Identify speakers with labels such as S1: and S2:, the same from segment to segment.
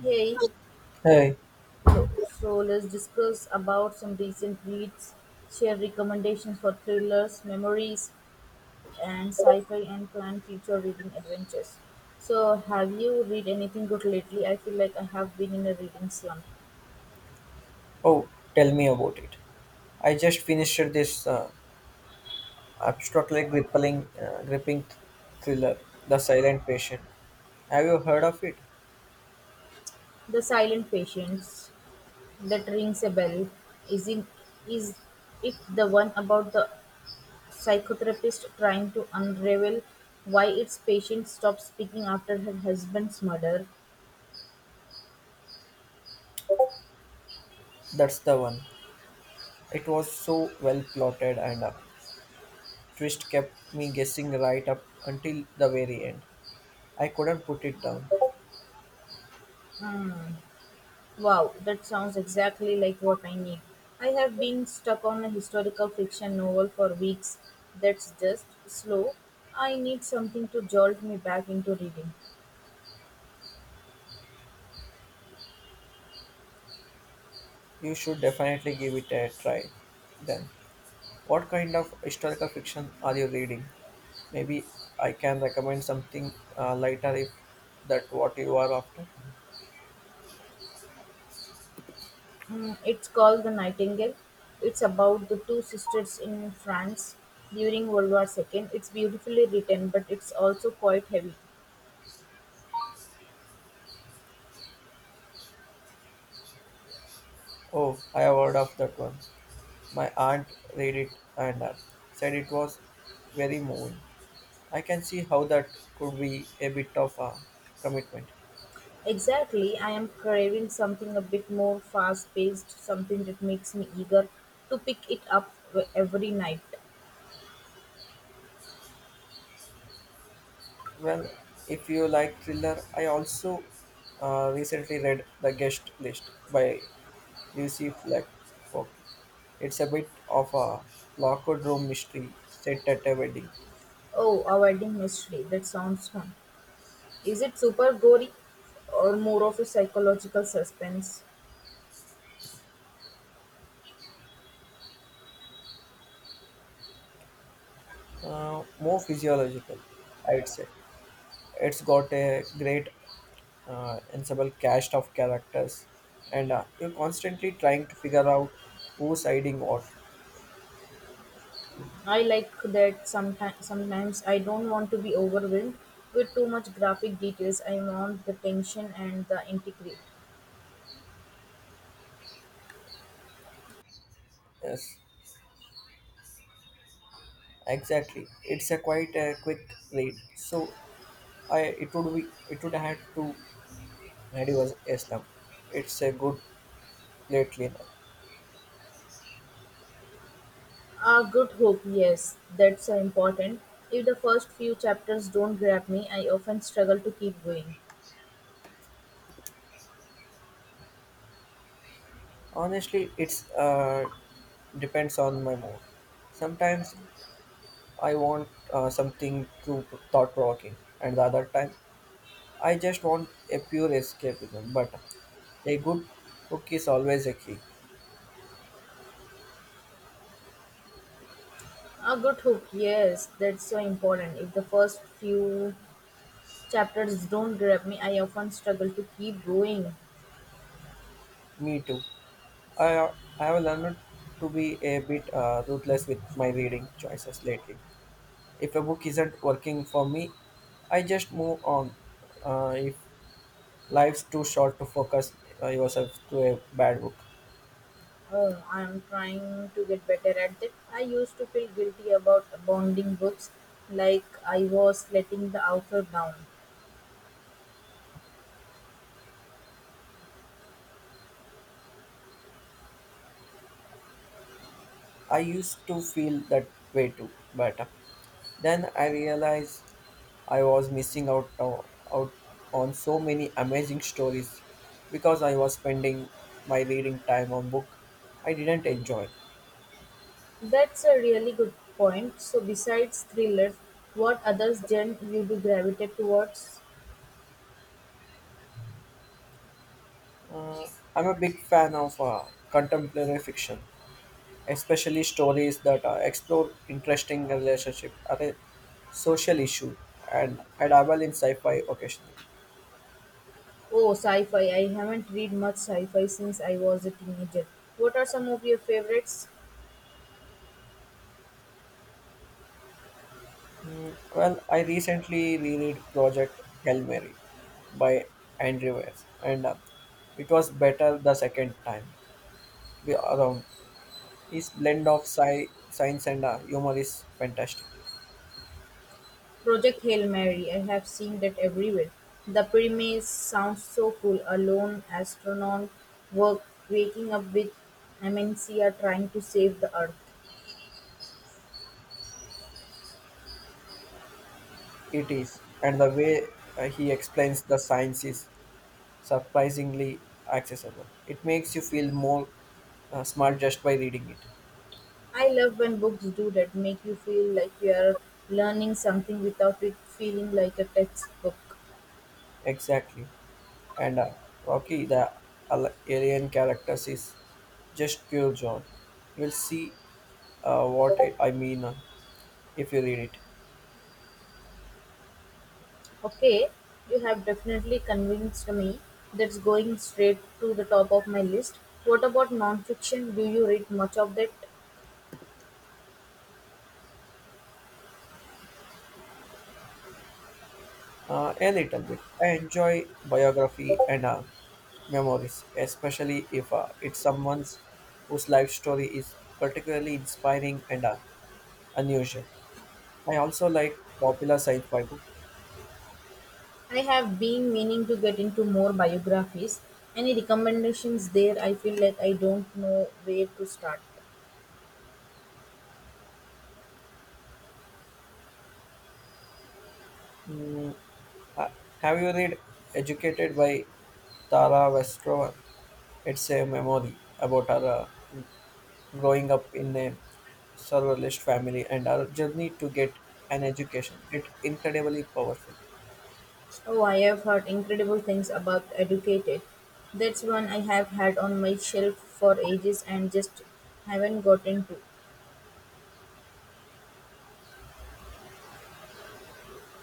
S1: Hey,
S2: Hey,
S1: so let's discuss about some recent reads, share recommendations for thrillers, memories, and sci-fi, and plan future reading adventures. So, have you read anything good lately? I feel like I have been in a reading slump.
S2: oh, tell me about it. I just finished this abstractly gripping, gripping thriller, The Silent Patient. Have you heard of it?
S1: The Silent Patience, that rings a bell. Is it is it the one about the psychotherapist trying to unravel why its patient stopped speaking after her husband's murder?
S2: That's the one. It was so well plotted, and twist kept me guessing right up until the very end. I couldn't put it down.
S1: Wow, that sounds exactly like what I need. I have been stuck on a historical fiction novel for weeks that's just slow. I need something to jolt me back into reading.
S2: You should definitely give it a try then. What kind of historical fiction are you reading? Maybe I can recommend something lighter if that what you are after.
S1: Hmm, it's called The Nightingale. It's about the two sisters in France during World War II. It's beautifully written, but it's also quite heavy.
S2: Oh, I have heard of that one. My aunt read it, and said it was very moving. I can see how that could be a bit of a commitment.
S1: Exactly, I am craving something a bit more fast paced, something that makes me eager to pick it up every night.
S2: Well, if you like thriller, I also recently read The Guest List by Lucy Flack Fockey. It's a bit of a locked room mystery set at a wedding,
S1: Oh, a wedding mystery. That sounds fun. Is it super gory or more of a psychological suspense?
S2: more physiological, I'd say. It's got a great ensemble cast of characters, and you're constantly trying to figure out who's hiding what.
S1: I like that sometimes I don't want to be overwhelmed with too much graphic details. I want the tension and the intrigue.
S2: Yes, exactly. It's a quite a quick read, so I it would be it would have to reduce Islam. It's a good plate cleaner.
S1: A good hook, yes, that's important. If the first few chapters don't grab me, I often struggle to keep going.
S2: Honestly, it's depends on my mood. Sometimes I want something to thought provoking, and the other time I just want a pure escapism. But a good book is always a key.
S1: A good hook, yes, that's so important. If the first few chapters don't grab me, I often struggle to keep going.
S2: Me too. I I have learned to be a bit ruthless with my reading choices lately. If a book isn't working for me, I just move on. If life's too short to focus yourself to a bad book.
S1: Oh, I am trying to get better at that. I used to feel guilty about bonding books, like I was letting the author down.
S2: I used to feel that way too. But then I realized I was missing out on so many amazing stories because I was spending my reading time on book I didn't enjoy.
S1: That's a really good point. So, besides thrillers, what other genre you do gravitate towards?
S2: Uh, I'm a big fan of contemporary fiction, especially stories that explore interesting relationship or a social issue, and I dabble in sci-fi occasionally.
S1: Oh, sci-fi. I haven't read much sci-fi since I was a teenager. What are some of your favorites?
S2: Well, I recently reread Project Hail Mary by Andrew Weir, and it was better the second time around. His blend of science and humor is fantastic.
S1: Project Hail Mary, I have seen that everywhere. The premise sounds so cool. A lone astronaut work, waking up with amnesia trying to save the Earth.
S2: It is, and the way he explains the science is surprisingly accessible. It makes you feel more smart just by reading it.
S1: I love when books do that, make you feel like you are learning something without it feeling like a textbook.
S2: Exactly. And Rocky, the alien characters, is just pure joy. You'll see what I mean if you read it.
S1: Okay, you have definitely convinced me that's going straight to the top of my list. What about nonfiction? Do you read much of that?
S2: A little bit. I enjoy biography and memories, especially if it's someone's whose life story is particularly inspiring and unusual. I also like popular sci-fi books.
S1: I have been meaning to get into more biographies. Any recommendations there? I feel like I don't know where to start.
S2: Mm, Ha- Have you read Educated by Tara Westrova? It's a memoir about her growing up in a surrealist family and her journey to get an education. It's incredibly powerful.
S1: Oh, I have heard incredible things about Educated. That's one I have had on my shelf for ages and just haven't gotten to.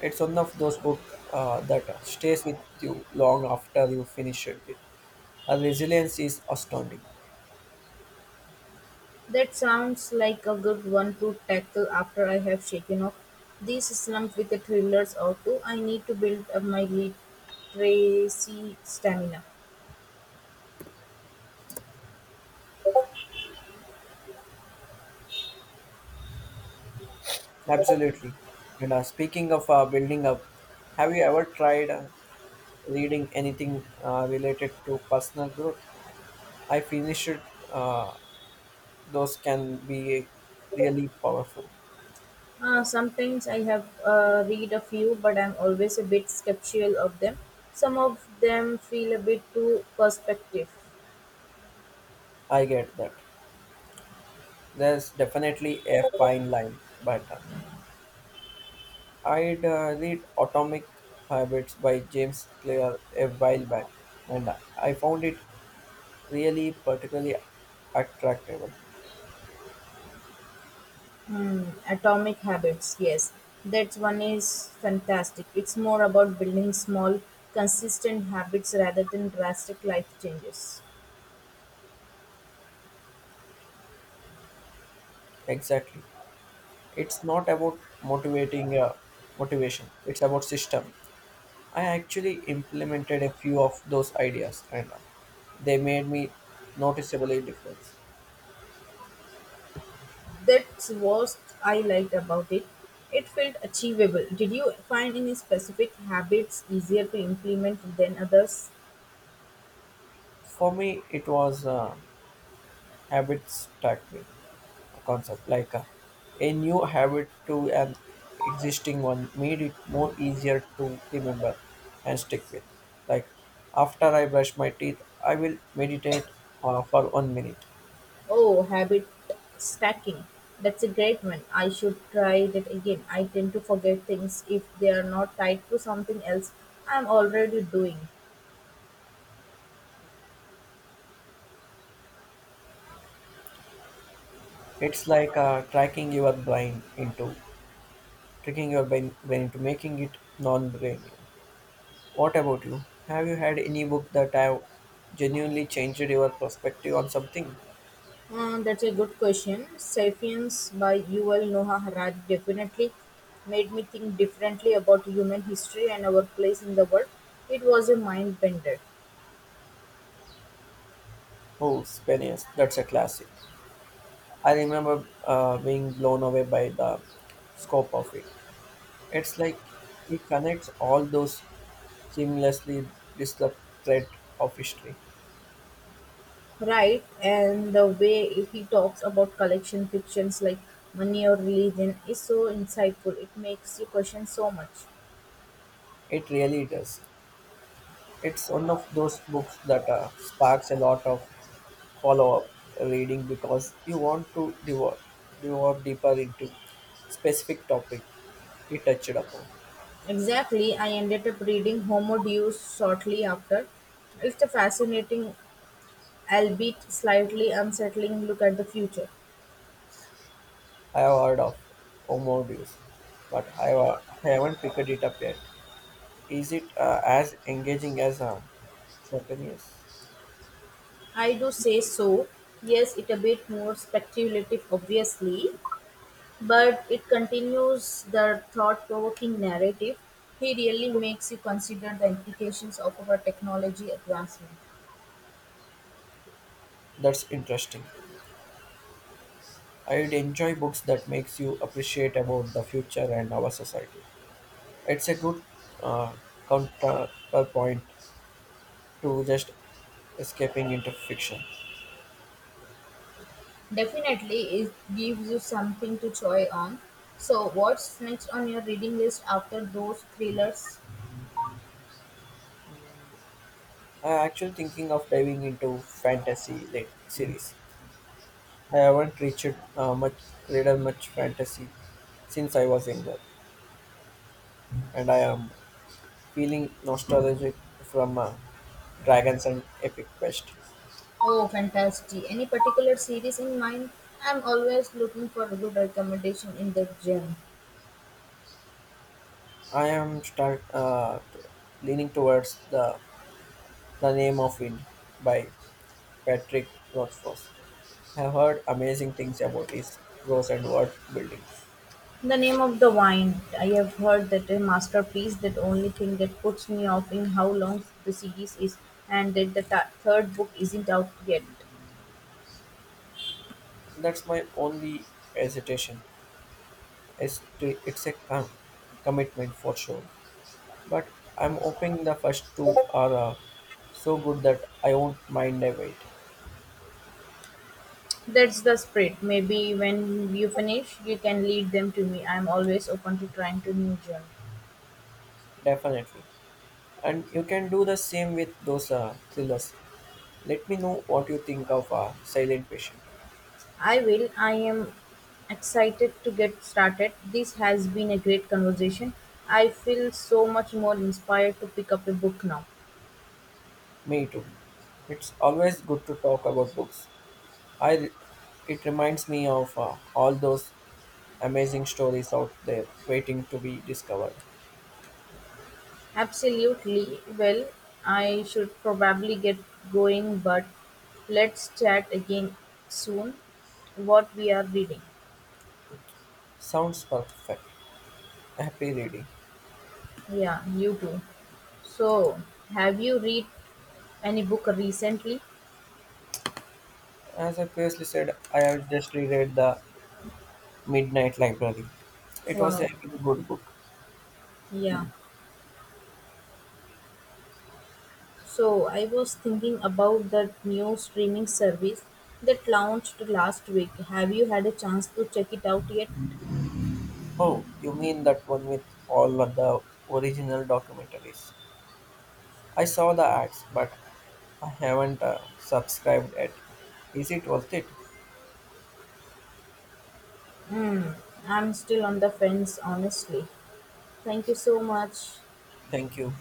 S2: It's one of those books that stays with you long after you finish it. Her resilience is astounding.
S1: That sounds like a good one to tackle after I have shaken off these slump with the thrillers or two. I need to build up my literacy stamina.
S2: Absolutely. And speaking of building up, have you ever tried reading anything related to personal growth? I finished uh, those can be really powerful.
S1: Sometimes I have read a few, but I'm always a bit skeptical of them. Some of them feel a bit too perspective.
S2: I get that. There's definitely a fine line, but I'd read Atomic Habits by James Clear a while back, and I found it really particularly attractive.
S1: Hmm, Atomic Habits, yes, that one is fantastic. It's more about building small, consistent habits rather than drastic life changes.
S2: Exactly. It's not about motivating motivation. It's about system. I actually implemented a few of those ideas, and they made me noticeably different.
S1: That's what I liked about it. It felt achievable. Did you find any specific habits easier to implement than others?
S2: For me, it was a habit stacking concept, like a new habit to an existing one made it more easier to remember and stick with. Like after I brush my teeth, I will meditate for 1 minute.
S1: Oh, habit stacking. That's a great one. I should try that again. I tend to forget things if they are not tied to something else I'm already doing.
S2: It's like tracking your brain into tricking your brain into making it non-brainy. What about you? Have you had any book that have genuinely changed your perspective on something?
S1: That's a good question. Sapiens by Yuval Noah Harari definitely made me think differently about human history and our place in the world. It was a mind bender,
S2: Oh, Spaniards, that's a classic. I remember being blown away by the scope of it. It's like it connects all those seamlessly disrupt thread of history.
S1: right? And the way he talks about collection fictions like money or religion is so insightful. It makes you question so much.
S2: It really does. It's one of those books that sparks a lot of follow-up reading because you want to devour deeper into specific topic it touched upon.
S1: Exactly, I ended up reading Homo Deus shortly after. It's a fascinating, albeit slightly unsettling look at the future.
S2: I have heard of Homo Deus, but I haven't picked it up yet. Is it as engaging as Sapinius?
S1: I do say so. Yes, it a bit more speculative, obviously, but it continues the thought-provoking narrative. He really makes you consider the implications of our technology advancement.
S2: That's interesting. I'd enjoy books that makes you appreciate about the future and our society. It's a good uh, counterpoint to just escaping into fiction.
S1: Definitely, it gives you something to choy on. So, what's next on your reading list after those thrillers?
S2: I'm actually thinking of diving into fantasy late series. I haven't reached much read much fantasy since I was younger, and I am feeling nostalgic from Dragons and Epic Quest.
S1: Oh, fantastic. Any particular series in mind? I'm always looking for a good recommendation in that genre.
S2: I am leaning towards the name of Wind by Patrick Rothfuss. I have heard amazing things about his prose and word building.
S1: The name of the wine. I have heard that a masterpiece. The only thing that puts me off in how long the series is, and that the ta third book isn't out yet.
S2: That's my only hesitation. It's, it's a commitment for sure, but I'm hoping the first two are so good that I won't mind a wait.
S1: That's the spirit. Maybe when you finish, you can lead them to me. I'm always open to trying to new genres.
S2: Definitely, and you can do the same with those thrillers. Let me know what you think of Silent Patient.
S1: I will. I am excited to get started. This has been a great conversation. I feel so much more inspired to pick up a book now.
S2: Me too. It's always good to talk about books. I it reminds me of all those amazing stories out there waiting to be discovered.
S1: Absolutely. Well, I should probably get going, but let's chat again soon. What we are reading.
S2: Sounds perfect. Happy reading.
S1: Yeah, you too. So, have you read any book recently?
S2: As I previously said, I have just reread The Midnight Library. It was
S1: Wow.
S2: a really good book.
S1: Yeah. So I was thinking about that new streaming service that launched last week. Have you had a chance to check it out yet?
S2: Oh, you mean that one with all of the original documentaries? I saw the ads, but I haven't subscribed yet. Is it worth it?
S1: I'm still on the fence, honestly. Thank you so much.
S2: Thank you.